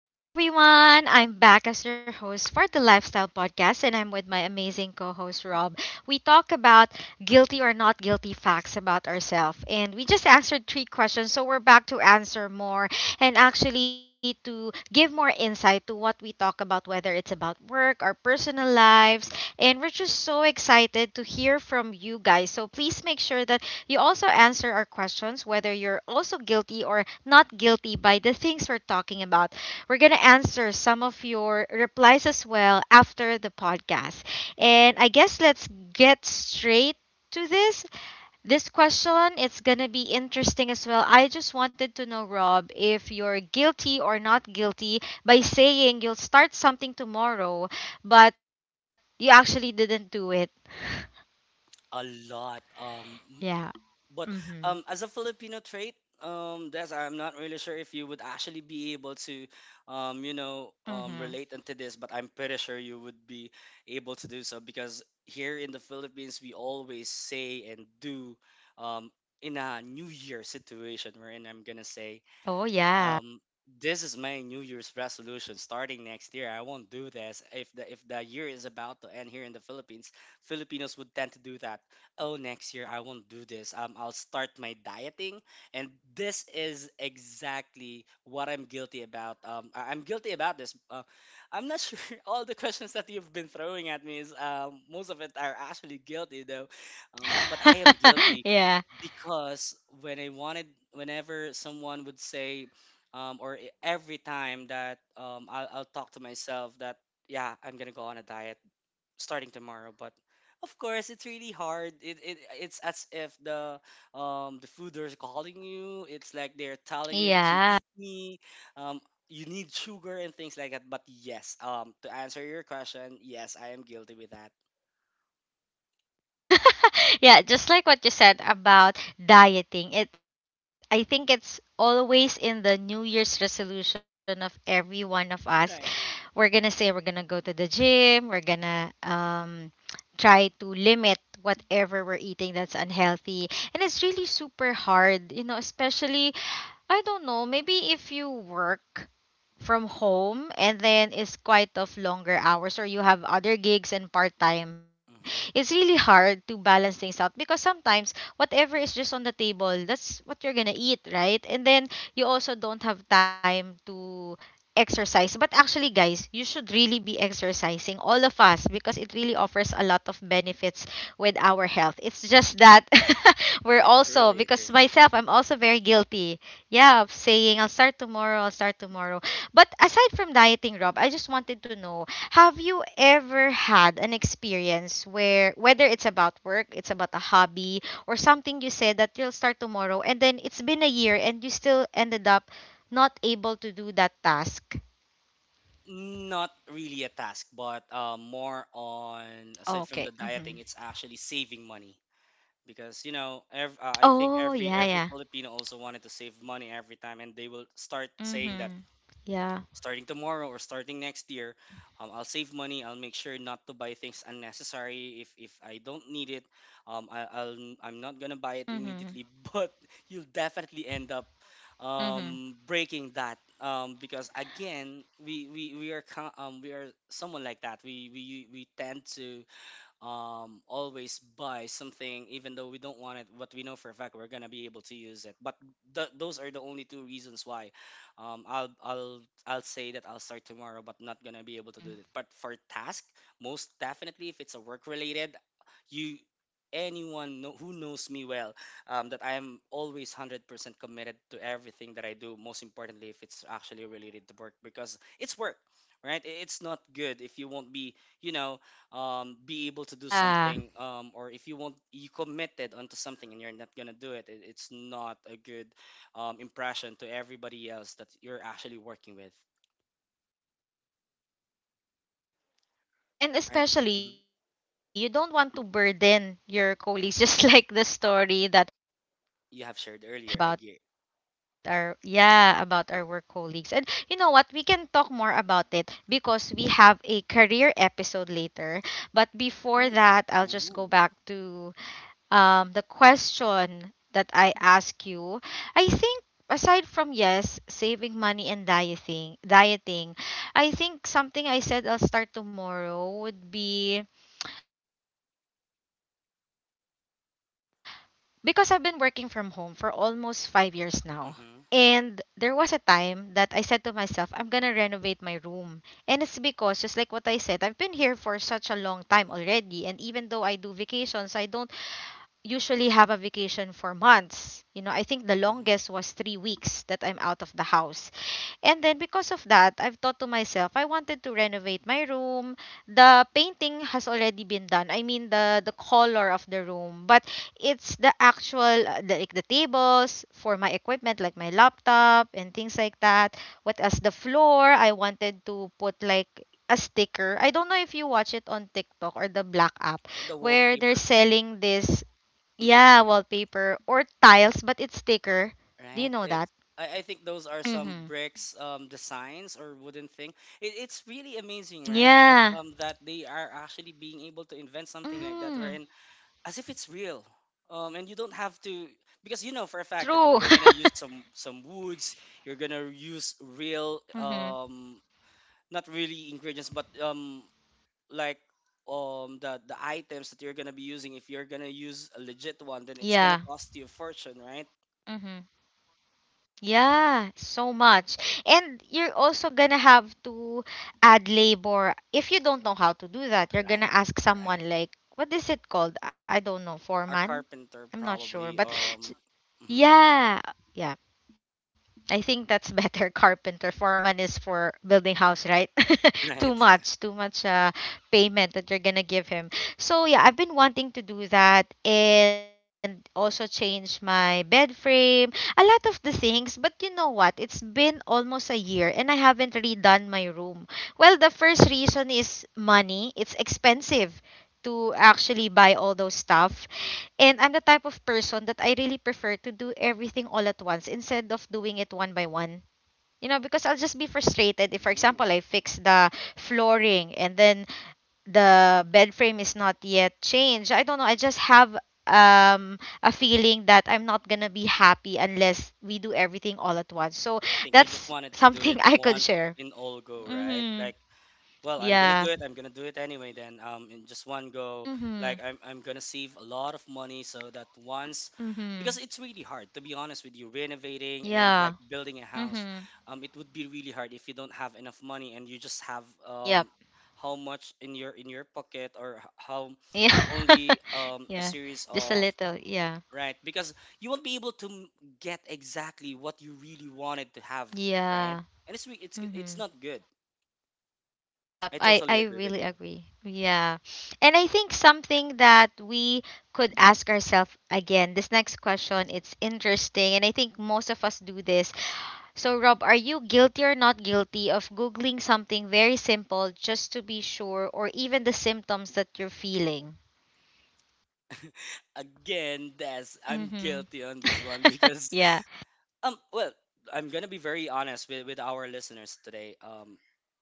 Hello, everyone. I'm back as your host for the Lifestyle Podcast, and I'm with my amazing co host, Rob. We talk about guilty or not guilty facts about ourselves, and we just answered three questions. So we're back to answer more and actually to give more insight to what we talk about, whether it's about work, our personal lives, and we're just so excited to hear from you guys. So please make sure that you also answer our questions whether you're also guilty or not guilty by the things we're talking about. We're going to answer some of your replies as well after the podcast. And I guess let's get straight to this. This question it's going to be interesting as well. I just wanted to know Rob if you're guilty or not guilty by saying you'll start something tomorrow but you actually didn't do it. A lot. Yeah. But Mhm. as a Filipino trait, that's I'm not really sure if you would actually be able to, Mhm. relate into this. But I'm pretty sure you would be able to do so because here in the Philippines, we always say and do, um, in a New Year situation wherein I'm gonna say, Oh yeah. um this is my new year's resolution. Starting next year I won't do this. If the year is about to end, here in the Philippines, Filipinos would tend to do that. Oh, next year I won't do this. I'll start my dieting. And this is exactly what I'm guilty about. I'm guilty about this. I'm not sure all the questions that you've been throwing at me is most of it are actually guilty though. But I am guilty yeah. because when I wanted, whenever someone would say, every time that I'll talk to myself that, yeah, I'm gonna go on a diet starting tomorrow, but of course it's really hard. It's as if the the food is calling you. It's like they're telling you to Yeah. eat me. Um, you need sugar and things like that. But yes, to answer your question, yes, I am guilty with that. Yeah. yeah, just like what you said about dieting. It I think it's always in the new year's resolution of every one of us. Right. We're going to say we're going to go to the gym, we're going to try to limit whatever we're eating that's unhealthy. And it's really super hard, especially I don't know, maybe if you work from home and then is quite of longer hours or you have other gigs and part time, it's Hmm. really hard to balance things out because sometimes whatever is just on the table that's what you're gonna eat, right? And then you also don't have time to exercise, but actually guys, you should really be exercising, all of us, because it really offers a lot of benefits with our health. It's just that we're I also, truly because agree. myself, I'm also very guilty, yeah, of saying I'll start tomorrow, I'll start tomorrow. But aside from dieting, Rob, I just wanted to know, have you ever had an experience where, whether it's about work, it's about a hobby, or something you said that you'll start tomorrow and then it's been a year and you still ended up not able to do that task? Not really a task, but more on, Okay. aside from the Mhm. dieting, it's actually saving money. Because you know, I think Oh, every yeah, every yeah. Filipino also wanted to save money every time, and they will start saying that Mhm. Yeah. starting tomorrow or starting next year, I'll save money. I'll make sure not to buy things unnecessary. If I don't need it, I'm not gonna buy it immediately Mhm. but you'll definitely end up Mhm. breaking that. Because again, we are someone like that. We tend to always buy something Yeah. even though we don't want it, but we know for a fact we're gonna be able to use it. But those are the only two reasons why um, I'll I'll I'll say that I'll start tomorrow, but not gonna be able to do it. But Mhm. for task, most definitely, if it's a work related, you who knows me well, that I am always 100% committed to everything that I do, most importantly, if it's actually related to work. Because it's work, right? It's not good if you won't be, you know, be able to do Yeah. something, or if you won't, you committed onto something and you're not gonna do it, it's not a good impression to everybody else that you're actually working with, Mhm. Yeah, I right? agree with you. Mhm. And especially, you don't want to burden your colleagues, just like the story that we both shared You have shared on our earlier, I first get. episode for today about our, yeah, about our work colleagues. And you know what? We can talk more about it because we have a career episode later. But before Ooh, that, I'll just go ooh, back to the question that I ask you. I think aside from, yes, saving money and dieting, dieting, I think something I said I'll start tomorrow would be because I've been working from home for almost 5 years now. And there was a time that mm-hmm, I said to myself, I'm gonna renovate my room. And it's because, just like what I said, I've been here for such a long time already. And even though I do vacations, I don't usually have a vacation for months. You know, I think the longest was three mm-hmm. weeks that I'm out of the house. And then because of that, I've thought to myself, I wanted to renovate my room. The painting has already been done. I mean the color of the room, but it's the actual like the tables for my equipment like my laptop and things like that. What else? The floor, I wanted to put like a sticker. I don't know if you watch it on TikTok or the The Black app wallpaper, where they're selling mm-hmm, this, yeah, wallpaper or tiles but it's right? It. sticker. I think Do you those know are that? some bricks Mhm. designs or wooden thing. It, it's really amazing, right? That's Yeah. That they are actually being able to invent something like that, Mhm. wherein as if it's real. And you don't have to, because you know for a fact that if True. you're gonna use some woods, you're gonna use real mhm. Not really ingredients but like the items that you're gonna be using. If you're gonna use a legit one, then it's gonna Yeah. cost you a fortune, right? Mhm. Yeah, so much. And you're also gonna have to add labor. If you don't know how to do that, you're Right, gonna ask right. someone like what is it called? I don't know, Our foreman. carpenter I'm not sure, probably. Mhm, yeah. Yeah, I think that's better. Carpenter foreman is for building house, right? Right. Too much payment that you're gonna give him. So yeah, I've been wanting to do that and also change my bed frame, a lot of the things. But you know what? It's been almost a year and I haven't redone my room. Well, the first reason is money. It's expensive to actually buy all those stuff, and I'm the type of person that I really prefer to do everything all at once instead of doing it one by one. You know, because I'll just be frustrated if, for example, Ooh, I fix the flooring and then the bed frame is not yet changed. I don't know. I just have um a feeling that I'm not gonna be happy unless we do everything all at once. So I think you just that's wanted to do something it I could one share. in all go, right? Like, Mhm. well, I'm gonna do Yeah. it. I'm gonna do it anyway then. In just one go. Mhm. Like I'm gonna save a lot of money so that once, Mhm. because it's really hard to be honest with you, renovating and Yeah. like building a house. Mhm. It would be really hard if you don't have enough money and you just have Yep. How much in your pocket, or how Yeah. only a yeah. series Just a of, little. Yeah. right? Because you won't be able to get exactly what you really wanted to have, right? Yeah. And it's re- it's g- Mm-hmm. it's not good. Yep. I I, totally I agree with really you. agree. Yeah. And I think something that we could ask ourselves again, this next question, it's interesting. And I think most of us do this. So, Rob, are you guilty or not guilty of Googling something very simple just to be sure, or even the symptoms that you're feeling? Again, that's I'm Mm-hmm. guilty on this one because yeah. um, well, I'm gonna be very honest with our listeners today.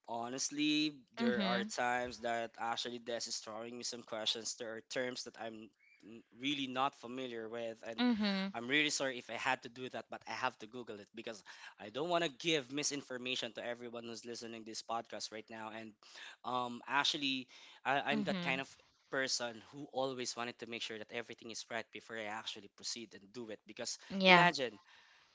Honestly, there are Mm-hmm. times that actually Des is throwing me some questions. There are terms that I'm really not familiar with, and Mm-hmm. I'm really sorry if I had to do that, but I have to Google it because I don't want to give misinformation to everyone who's listening this podcast right now. And actually, I'm that Mm-hmm. kind of person who always wanted to make sure that everything is right before I actually proceed and do it, because Yeah. imagine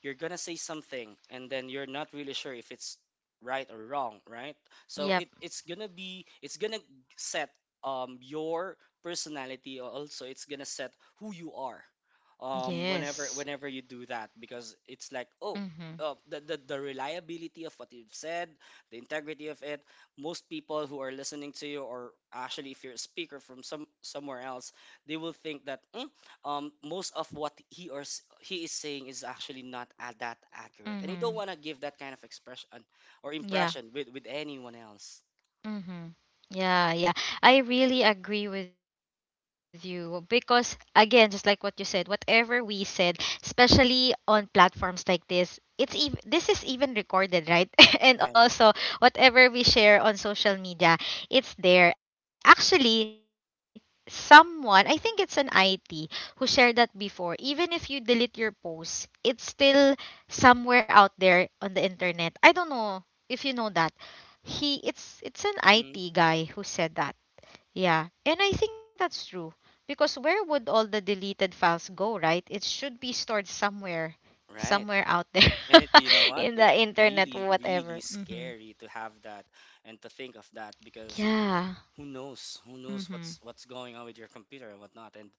you're gonna say something and then you're not really sure if it's right or wrong, right? So Yep. it's gonna set your personality, or also it's gonna set who you are Yes. whenever you do that. Because it's like, oh, Mhm. The reliability of what you've said, the integrity of it. Most people who are listening to you, or actually if you're a speaker from somewhere else, they will think that "Mm, most of what he or he is saying is actually not that accurate, and you Mhm. don't want to give that kind of expression or Yeah. impression with anyone else, Mm-hmm. Yeah, yeah. I really agree with you because, again, just like what you said, whatever we said, especially on platforms like this, it's even, this is even recorded, right? right? and also, whatever we share on social media, it's there. Actually, someone, I think it's an IT, who shared that before. Even if you delete your post, it's still somewhere out there on the internet. I don't know if you know that he it's an Hmm. IT guy who said that. Yeah. And I think that's true because where would all the deleted files go, right? It should be stored somewhere, Right. somewhere out there And it, you know what, in it's the internet really, really whatever. Mhm. scary to have that and to think of that because Yeah. who knows Mhm. what's going on with your computer and whatnot. And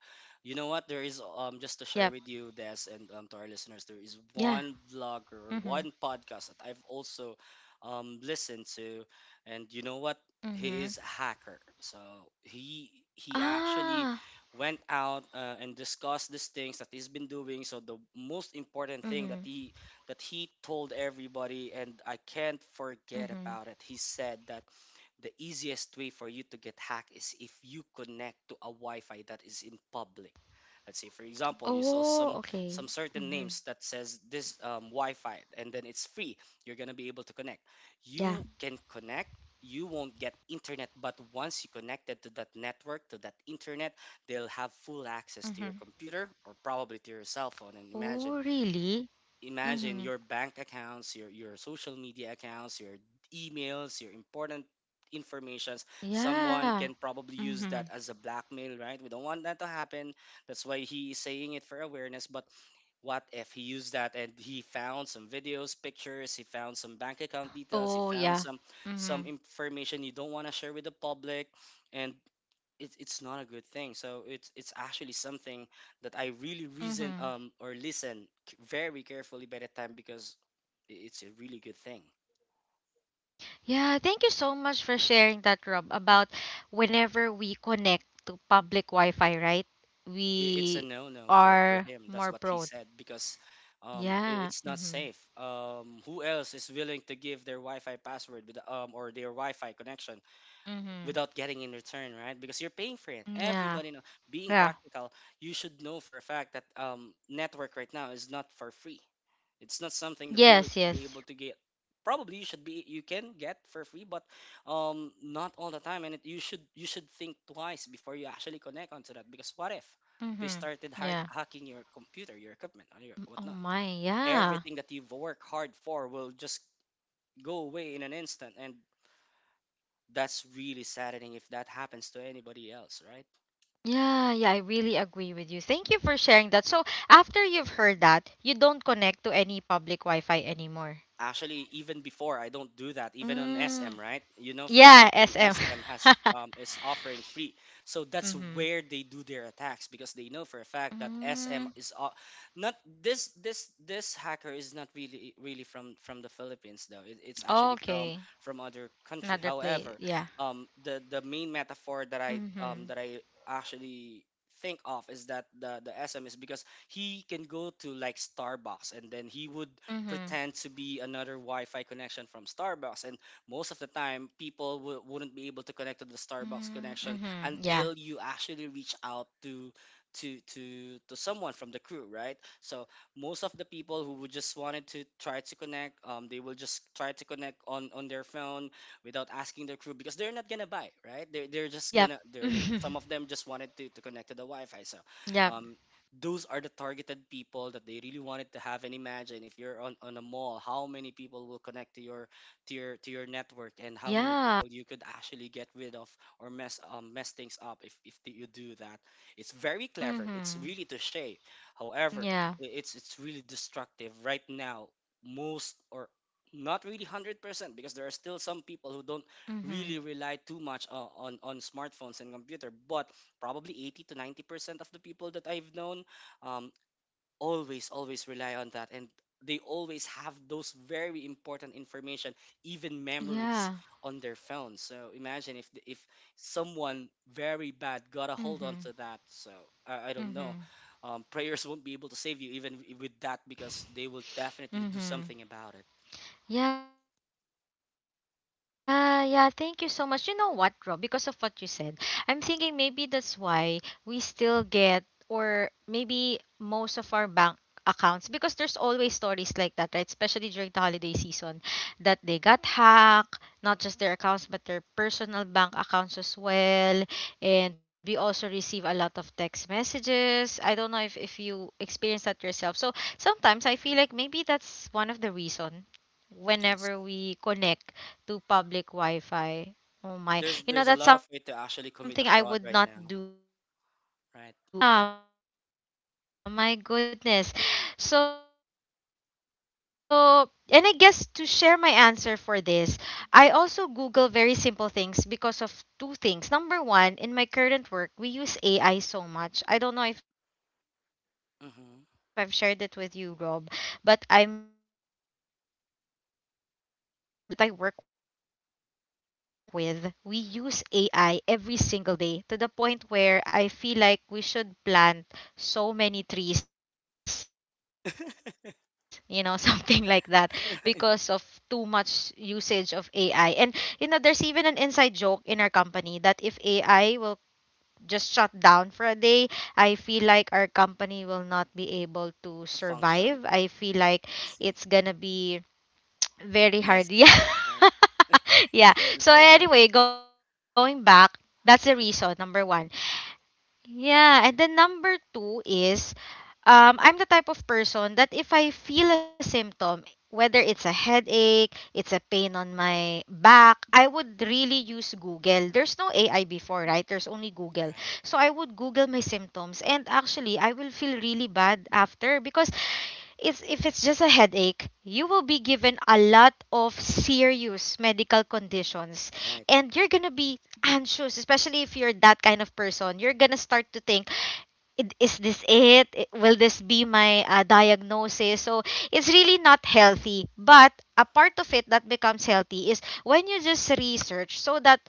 you know what, there is just to share with Yep. you, Des, and to our listeners, there is one Yeah. vlogger or one Mhm. podcast that I've also listened to. And you know what, he is a Mhm. hacker. So he actually Ah. went out, and discussed these things that he's been doing. So the most important thing that he Mhm. that he told everybody, and I can't forget about it, he Mhm. said that the easiest way for you to get hacked is if you connect to a Wi-Fi that is in public. Let's say, for example, you saw Oh, some okay. certain names that Mhm. says this Wi-Fi, and then it's free. You're gonna be able to connect. Yeah. You can connect. You won't get internet, but once you connected to that network, to that internet, they'll have full access Mhm. to your computer or probably to your cell phone. And Oh, imagine really? imagine Mhm. your bank accounts, your social media accounts, your emails, your important informations. Someone can Yeah. probably use that Mhm. as a blackmail, right? We don't want that to happen. That's why he is saying it for awareness. But what if he used that and he found some videos, pictures, he found some bank account details, he Oh, found yeah. Some Mhm. information you don't want to share with the public, and it's not a good thing. So it's actually something that I really reason Mhm. Or listen very carefully by the time, because it's a really good thing. Yeah, thank you so much for sharing that, Rob, about whenever we connect to public Wi-Fi, right? It's a We no no for, for are him. That's more what he prone. said, because Yeah. it's not Mhm. safe. Who else is willing to give their Wi-Fi password with or their Wi-Fi connection Mhm. without getting in return, right? Because you're paying for it. Everybody know. Yeah. Being Yeah. practical, you should know for a fact that network right now is not for free. It's not something that you should Yes, be able yes. to get. Probably you should be you can get for free, but not all the time. And it, you should think twice before you actually connect onto that. Because what if they Mhm. started Yeah. hacking your computer, your equipment, or your whatnot? Oh my, yeah. Everything that you've worked hard for will just go away in an instant, and that's really saddening if that happens to anybody else, right? Yeah, yeah, I really agree with you. Thank you for sharing that. So, after you've heard that, you don't connect to any public Wi-Fi anymore. Actually, even before I don't do that, even on Mm. SM, right? You know for a Yeah, fact in SM. SM has is offering free, so that's mm-hmm. where they do their attacks because they know for a fact that SM Mm-hmm. is o- not this this hacker is not really, really from the Philippines though. It, it's actually Okay. from other country. Another place. However, Yeah. The main metaphor that I um Mm-hmm. that I actually think of is that the SM is, because he can go to like Starbucks and then he would Mm-hmm. pretend to be another Wi-Fi connection from Starbucks, and most of the time, people wouldn't be able to connect to the Starbucks Mm-hmm. connection Mm-hmm. Yeah. until you actually reach out to to someone from the crew, right? So most of the people who would just wanted to try to connect, they will just try to connect on their phone without asking their crew because they're not gonna buy, right? They're just Yep. gonna they're Mm-hmm. some of them just wanted to connect to the Wi-Fi, so. Yep. Um, those are the targeted people that they really wanted to have, and imagine if you're on a mall how many people will connect to your network, and how many Yeah. people you could actually get rid of or mess things up if you do that. It's very clever, it's Mm-hmm. really to shape. However, Yeah. It's really destructive right now, most, or not really 100%, because there are still some people who don't Mm-hmm. really rely too much on smartphones and computer, but probably 80 to 90% of the people that I've known, um, always rely on that, and they always have those very important information, even memories, Yeah. on their phone. So imagine if if someone very bad got a hold Mm-hmm. onto that. So I don't know, Mm-hmm. Prayers won't be able to save you even with that, because they will definitely do something Mm-hmm. about it. Yeah, yeah. Thank you so much. You know what, Rob? Because of what you said, I'm thinking maybe that's why we still get, or maybe most of our bank accounts, because there's always stories like that, right? Especially during the holiday season, that they got hacked, not just their accounts, but their personal bank accounts as well. And we also receive a lot of text messages. I don't know if you experience that yourself. So sometimes I Mhm. feel like maybe that's one of the reason Yes. whenever we connect to public Wi-Fi. Oh my. there's You know, there's a that's lot of way something to I actually would commit a not fraud do right now, anymore. right? Yeah, yeah, my goodness. So, and I guess to share my answer for this, I also Google very simple things because of two things. Number one, in my current work, we use AI so much. I don't know if I've Mm-hmm. shared it with you, Rob, but I'm sure with our listeners, for those who have been in this podcast for a long time, I've shared this that my company that I work with, we use AI every single day, to the point where I feel like we should plant so many trees, you know, something like that, Right. because of too much usage of AI. And, you know, there's even an inside joke in our company that if AI will just shut down for a day, I feel like our company will not be able to To function. survive. I feel like I see. it's gonna be very hard. Messy. Yeah. Right. yeah. It's gonna be So very anyway, messy. going back, that's the reason, number one. Yeah, and then number two is, I'm the type of person that if I feel a symptom, whether it's a headache, it's a pain on my back, I would really use Google. There's no AI before, right? There's only Google. Right, So I would Google my symptoms and actually I will feel really bad after because it's, if it's just a headache, you will be given a lot of serious medical conditions right. and you're gonna be anxious, especially if you're that kind of person. You're gonna start to think, is this it? Will this be my diagnosis? So it's really not healthy. But a part of it that becomes healthy is when you just research so that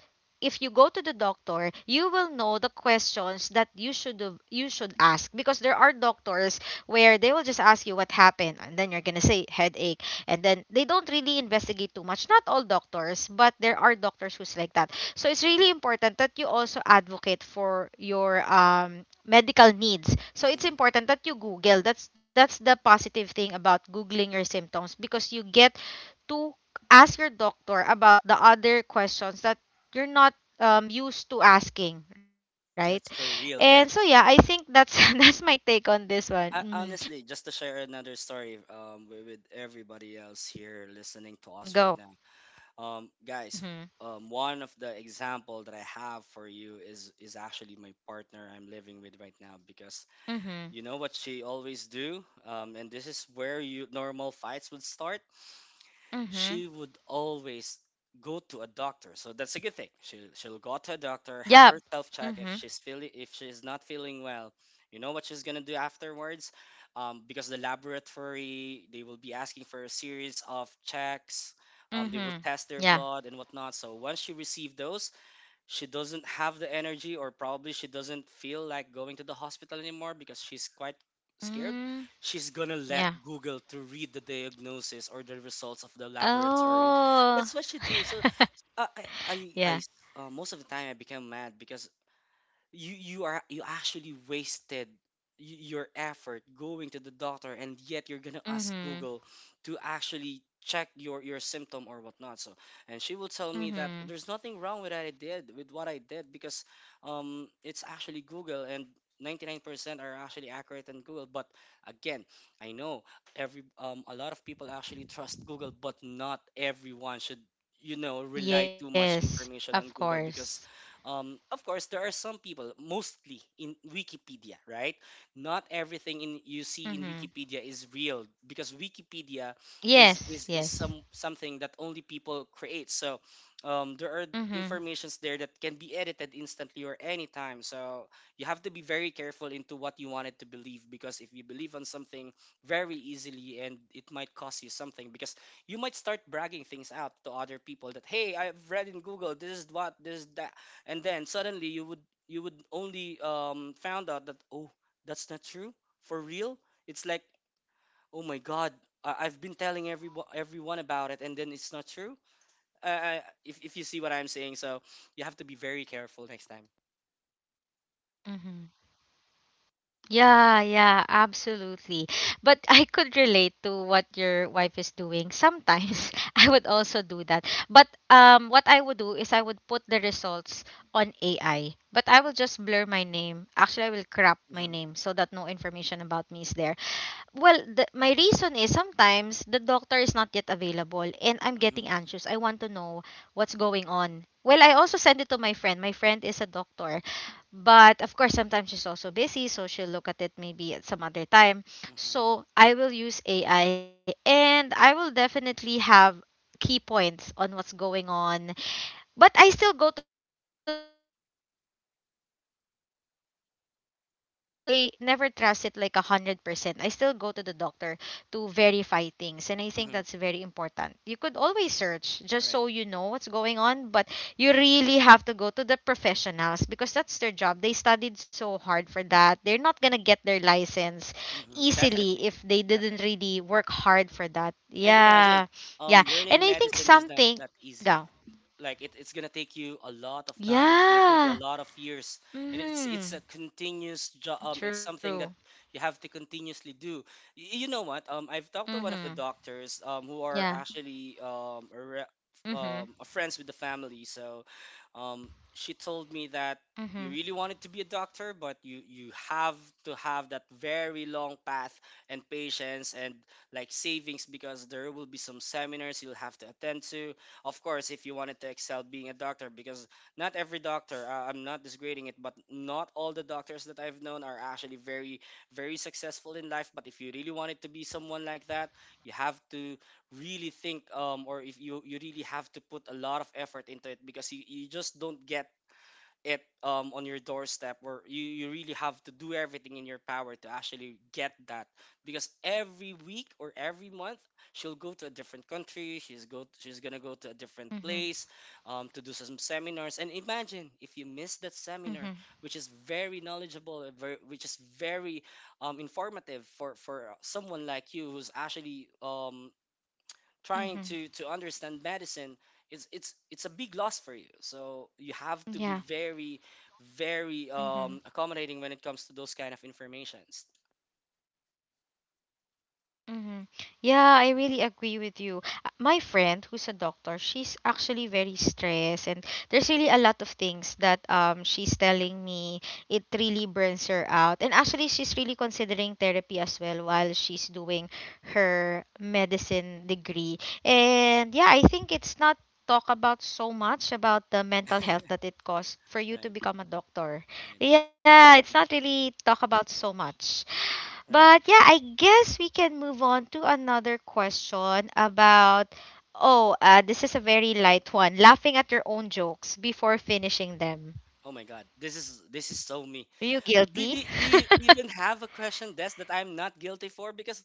if you go to the doctor, you will know the questions that you you should ask because there are doctors where they will just ask you what happened and then you're gonna say headache and then they don't really investigate too much. Not all doctors, but there are doctors who's like that. So it's really important that you also advocate for your medical needs. So Hmm. it's important that you Google. That's the positive thing about googling your symptoms because you get to ask your doctor about the other questions that you're not used to asking, right? That's for real. And That so yeah, I think that's that's my take on this I, one. Hmm. honestly, just But to do you share do another that? Do you story, also search with your symptom? everybody else here listening to Mm-hmm. us right Go. now, guys, one of the Mm-hmm. example that I have for you is actually my partner I'm living with right now. Because you know what she Mm-hmm. always do, and this is where you normal fights would start. Mm-hmm. She would always go to a doctor. So that's a good thing. She'll go to a doctor, have Yeah. herself check if Mm-hmm. she's feeling, if she's not feeling well. You know what she's gonna do afterwards, because the laboratory they will be asking for a series of checks. They Mhm. will test their Yeah. blood and whatnot. So once she received those, she doesn't have the energy, or probably she doesn't feel like going to the hospital anymore because she's quite scared. Mm. She's gonna let Yeah. google to read the diagnosis or the results of the laboratory. Oh. That's what she do. So uh, i i i Yeah. s- most of the time I became mad because you are, you actually wasted your effort going to the doctor, and yet you're gonna ask google Mhm. to actually check your symptom or whatnot. So, and she will tell me that there's Mhm. nothing wrong with that. I did with what I did because it's actually google, and 99% are actually accurate in google. But again, I know every a lot of people actually trust google, but not everyone should, you know, rely too much Yes, information on of google. Because course. Of course, there are some people, mostly in Wikipedia, right? Not everything in you Mhm. see in Wikipedia is real, because Wikipedia is Yes, is yes. is some something that only people create. So there are Mhm. informations there that can be edited instantly or anytime. So you have to be very careful into what you wanted to believe, because if you believe on something very easily and it might cost you something. Because you might start bragging things out to other people that hey, I've read in Google this is what, this is that, and then suddenly you would, you would only found out that oh, that's not true, for real. It's like, oh my god, I- Mhm. i've been telling everyone about it and then it's not true. If you see what I'm saying. So you have to be very careful next time. Mhm. Yeah, yeah, absolutely. But I could relate to what your wife is doing. Sometimes I would also do that. But what I would do is I would put the results on AI. But I will just blur my name. Actually, I will crop my Mm-hmm, name so that no information about me is there. Well, my reason is sometimes the doctor is not yet available and I'm mm-hmm, getting anxious. I want to know what's going on. Well, I also send it to my friend. My friend is a doctor. But of course, sometimes she's also busy, so she'll look at it maybe at some other time. mm-hmm, So I will use AI and I will definitely have key points on what's going on, but I still go to the doctor. I mean, I just use that to know what's going on, but I never trust it like 100%. I still go to the doctor to verify things, and I think mm-hmm. that's very important. You could always search just Right. so you know what's going on, but you really have to go to the professionals because that's their job. They studied so hard for that. They're not gonna get their license Mm-hmm. easily Definitely. if they didn't Definitely. really work hard for that. And imagine, Yeah, yeah, and learning I think medicine is not something. that easy. Go. Like it's gonna take you a lot of time, it's gonna take you Yeah. a lot of years, and it's Mm-hmm. a continuous True. job. It's something that you have to continuously do. You know what? I've talked to Mm-hmm. one of the doctors, who Yeah. are actually Mm-hmm. A friends with the family. So, she told me that you Mm-hmm. really wanted to be a doctor, but you have to have that very long path and patience and like savings, because there will be some seminars you'll have to attend to. Of course, if you wanted to excel being a doctor. Because not every doctor, I'm not disgrading it, but not all the doctors that I've known are actually very, very successful in life. But if you really wanted to be someone like that, you have to really think or if you really have to put a lot of effort into it. Because you just don't get it on your doorstep where you really have to do everything in your power to actually get that. Because every week or every month, she'll go to a different country, she's Mm-hmm. gonna go to a different place to do some seminars. And imagine if you Mm-hmm. miss that seminar, which is very knowledgeable and which is very informative for someone like you who's actually Mm-hmm. trying to understand medicine. It's a big loss for you. So you Yeah. have to be very, very Mm-hmm. Accommodating when it comes to those kind of informations. Mm-hmm. Yeah, I really agree with you. My friend who's a doctor, she's actually very stressed and there's really a lot of things that she's telling me it really burns her out. And actually she's really considering therapy as well while she's doing her medicine degree. And yeah, I think it's not talk about so much about the mental health that it costs for you to Right. become a doctor. Right. Yeah, it's not really talk about so much. Right. But yeah, I guess we can move on to another question about oh, this is a very light one. Laughing at your own jokes before finishing them. Oh my god, this is so me. Are you do, guilty? do, do you even have a question, Des, that I'm not guilty for? Because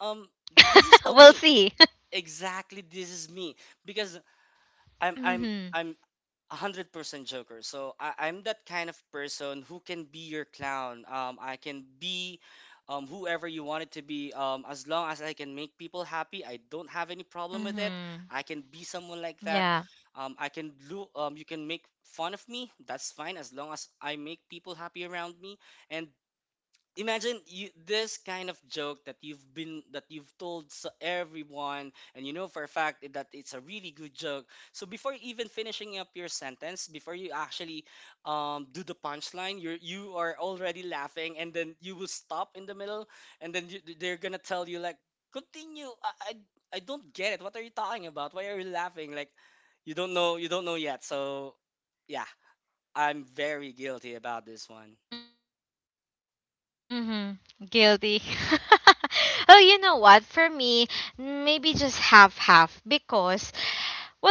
um, this is so We'll me, see. exactly, this is me. Because I'm I'm Mhm. I'm 100% joker. So I, I'm that kind of person who can be your clown. I can be whoever you want it to be. As long as I can make people happy, I don't have any problem with it. I Mhm. can be someone like that. Yeah. I can do. You can make fun of me, that's fine, as long as I make people happy around me. And imagine you this kind of joke that you've been that you've told everyone, Mhm. and you know for a fact that it's a really good joke. So before even finishing up your sentence, before you Mhm. actually do the punchline, you are already laughing, and then you will stop in the middle, and then they're gonna tell you like, continue. I don't get it, what are you talking about, why are you laughing? Like you don't know, you don't know yet. So yeah, I'm very guilty about this one. Mhm. Guilty. Oh, you know what? For me, maybe just half half because well,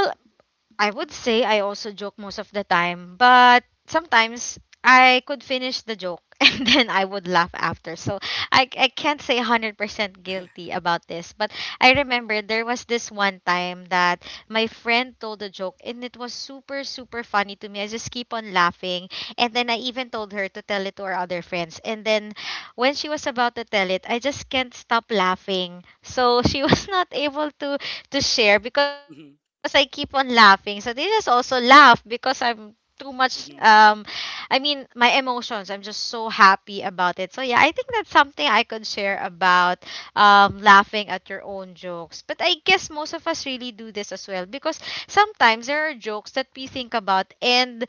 I would say I also joke most of the time, but sometimes I could finish the joke and then I would laugh after. So I can't say 100% guilty about this, but I remember there was this one time that my friend told a joke and it was super, super funny to me. I just keep on laughing. And then I even told her to tell it to our other friends. And then when she was about to tell it, I just can't stop laughing. So she was not able The- to Mhm, share because I keep on laughing. So they just also laugh because I'm too much mhm. um I mean my emotions. I'm just so happy about it. So yeah, I think that's something I could share about laughing at your own jokes. But I guess most of us really do this as well because sometimes there are jokes that we think about and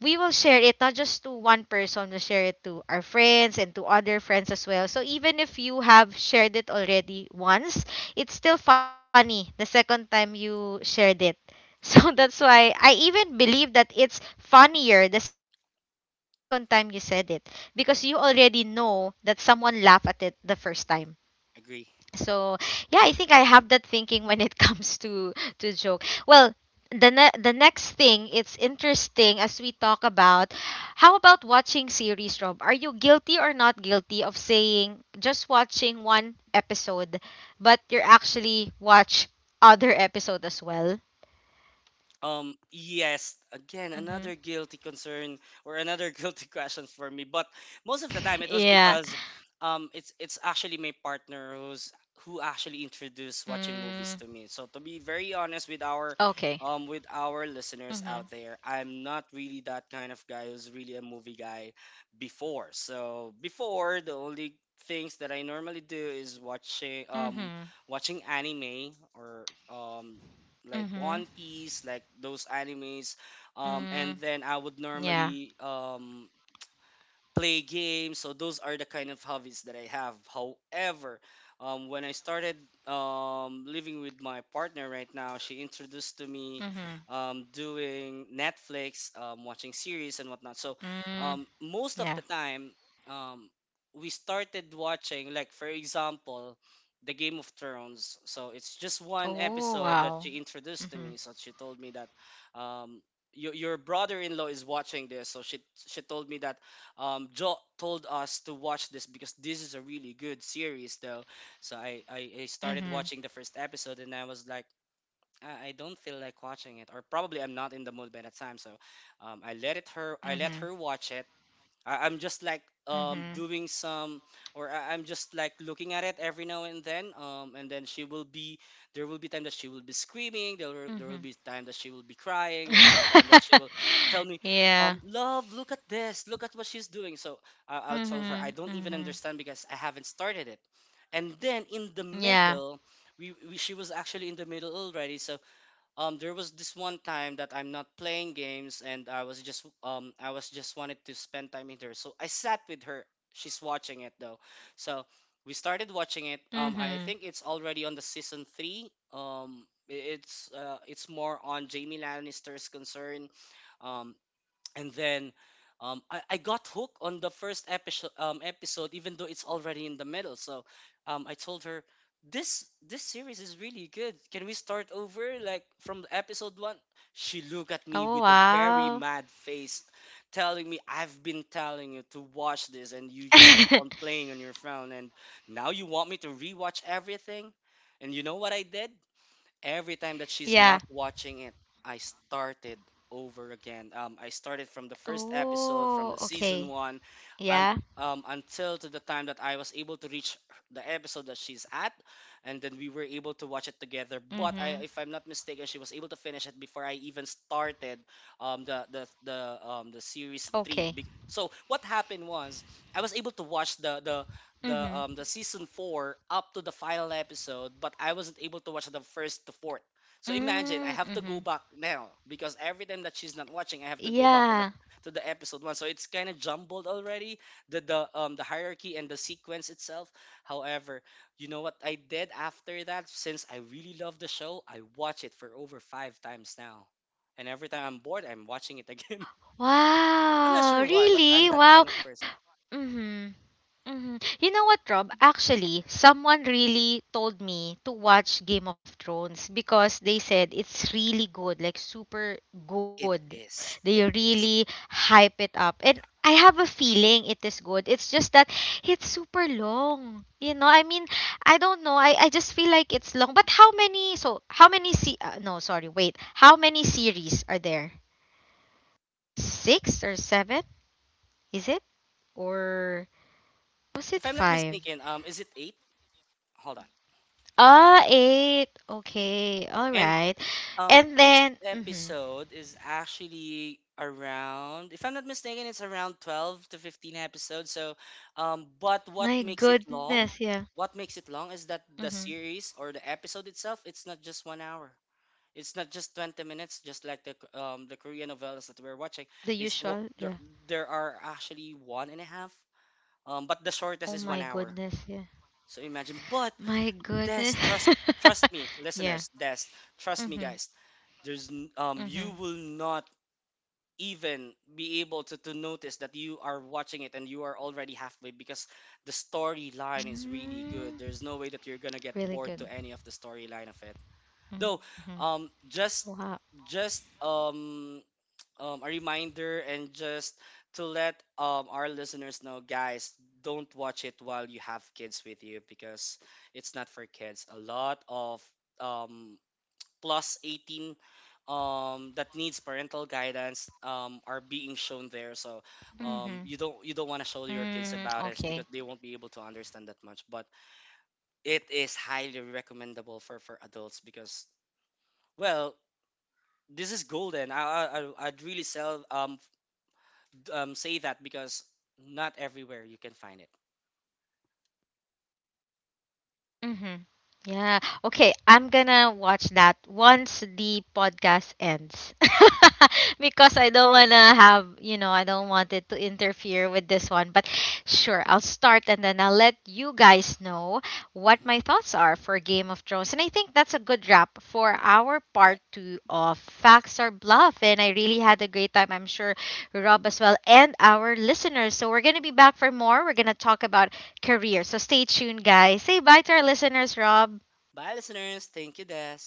we will share it not just to one person, we'll share it to our friends and to other friends as well. So even if you have shared it already once, it's still funny the second time you shared it. So Agree, that's why I even believe that it's funnier the second time you said it because you already know that someone laughed at it the first time so agree. yeah I think I have that thinking when it comes to joke well the next thing it's interesting as we talk about how about watching series, Rob, are you guilty or not guilty of saying just watching one episode but you're actually watch other episode as well? Yes, again, another guilty Mm-hmm. concern or another guilty question for me. But most of the time, it was because Yeah. It's actually my partner who actually introduced watching movies to me. So Mm, to be very honest with okay. our listeners out there, Mm-hmm. I'm not really that kind of guy who's really a movie guy before. So before, the only things that I normally do is watching Mm-hmm. watching anime or like One Mm-hmm. Piece, like those animes. And then I Mm, would normally yeah. Play games. So those are the kind of hobbies that I have. However, when I started living with my partner right now, she introduced to me Mm-hmm. doing Netflix, watching series and whatnot. So Mm, most of the time, yeah. um, we started watching, like for example, the Game of Thrones. So it's just one episode that she Oh, introduced wow. to me. So she Mhm. told me that um, your brother-in-law is watching this. So she told me that Joe told us to watch this because this is a really good series, though. So I started Mhm. watching the first episode and I was like, I don't feel like watching it, or probably I'm not in the mood by that time. So I let Mhm. her watch it. I'm just like Mhm. doing some, or I'm just like looking at it every now and then, and then she will be, there will be time that she will be screaming, there will Mhm. be time that she will be crying, there will be time that she will tell me Yeah. Love, look at this, look at what she's doing. So I'll tell her I don't Mhm. even understand Mhm. because I haven't started it. And then in the middle, Yeah. We she was actually in the middle already. So there was this one time that I'm not playing games and I was just wanted to spend time with her. So I sat with her. She's watching it though. So we started watching it. I think Mhm. it's already on the season 3. It's more on Jamie Lannister's concern. Um and then I got hooked on the first episode even though it's already in the middle. I told her, this series is really good. Can we start over like from the episode one? She looked at me Oh, with a very wow. mad face, telling me, I've been telling you to watch this and you just keep on playing on your phone, and now you want me to rewatch everything. And you know what I did? Mhm. Every time that she's not watching it, I Yeah. started over again. I started from the first episode, from the season one, and Oh, okay. until to the time Yeah. that I was able to reach the episode that she's at, and then we were able to watch it together. But I, if I'm not mistaken, Mhm. she was able to finish it before I even started the series three. Be- Okay. So what happened was I was able to watch the the Mhm. season four up to the final episode, but I wasn't able to watch the first to fourth. So Mm, imagine, I mhm. have to go back now because every time that she's not watching, I have to go Yeah. back to the episode one. So it's kind of jumbled already, the the hierarchy and the sequence itself. However, you know what I did Yeah. after that? Since I really love the show, I watch it for over five times now, and every time I'm bored, I'm watching it again. I'm not Wow, sure why, but I'm really? that Wow. kind of person. Mm-hmm. Mm-hmm. You know what, Rob? Actually, someone really told me to watch Game of Thrones because they said it's really good, like super It good. is. They It is. really hype it up. And I have a feeling it is good. It's just that it's super long. You know, I mean, I don't know. I just feel like it's long. But how many, so how many, se- no, sorry, wait. How many series are there? Six or seven? Is it? Or was If it I'm not five? mistaken, is it eight? Hold on. Ah, eight. Okay, all And right. And each then, mhm. episode is actually around, if I'm not mistaken, it's around 12 to 15 episodes. So, but what My makes it goodness, long? yeah. What makes it long is that the Hmm. series or the episode itself, it's not just 1 hour. It's not just 20 minutes, just like the the Korean novellas that we're watching. The It's wo- usual, there yeah. there are actually one and a half. But the shortest is one Oh my hour. goodness, yeah. So imagine, but My Des, trust goodness. trust me, listeners. Des, Yeah. trust me, guys. Mm-hmm. You will Mm-hmm. not even be able to notice that you are watching it and you are already halfway, because the storyline is really good. There's no way that Mm, you're gonna get bored to any of the really good. storyline of it. Though, um, Mm-hmm. just Wow. just a reminder, and just to let our listeners know, guys, don't watch it while you have kids with you because it's not for kids. A lot of um, plus 18 that needs parental guidance are being shown there. So you don't Mm-hmm. you don't want to show your kids about it Mm, because they won't okay. be able to understand that much. But it is highly recommendable for adults because, well, this is golden. I'd really sell say that because not everywhere you can find it. Mm-hmm. Yeah. Okay, I'm gonna watch that once the podcast ends. Because I don't wanna have, you know, I don't want it to interfere with this one. But sure, I'll start and then I'll let you guys know what my Hmm. thoughts are for Game of Thrones. And I think that's a good wrap for our Right. part two of Facts or Bluff. And I really had a great time. I'm sure Rob as well and our listeners. So we're gonna be back for more. We're gonna talk about career. So stay tuned, guys. Say bye to our listeners, Rob. Bye, listeners. Thank you, Des.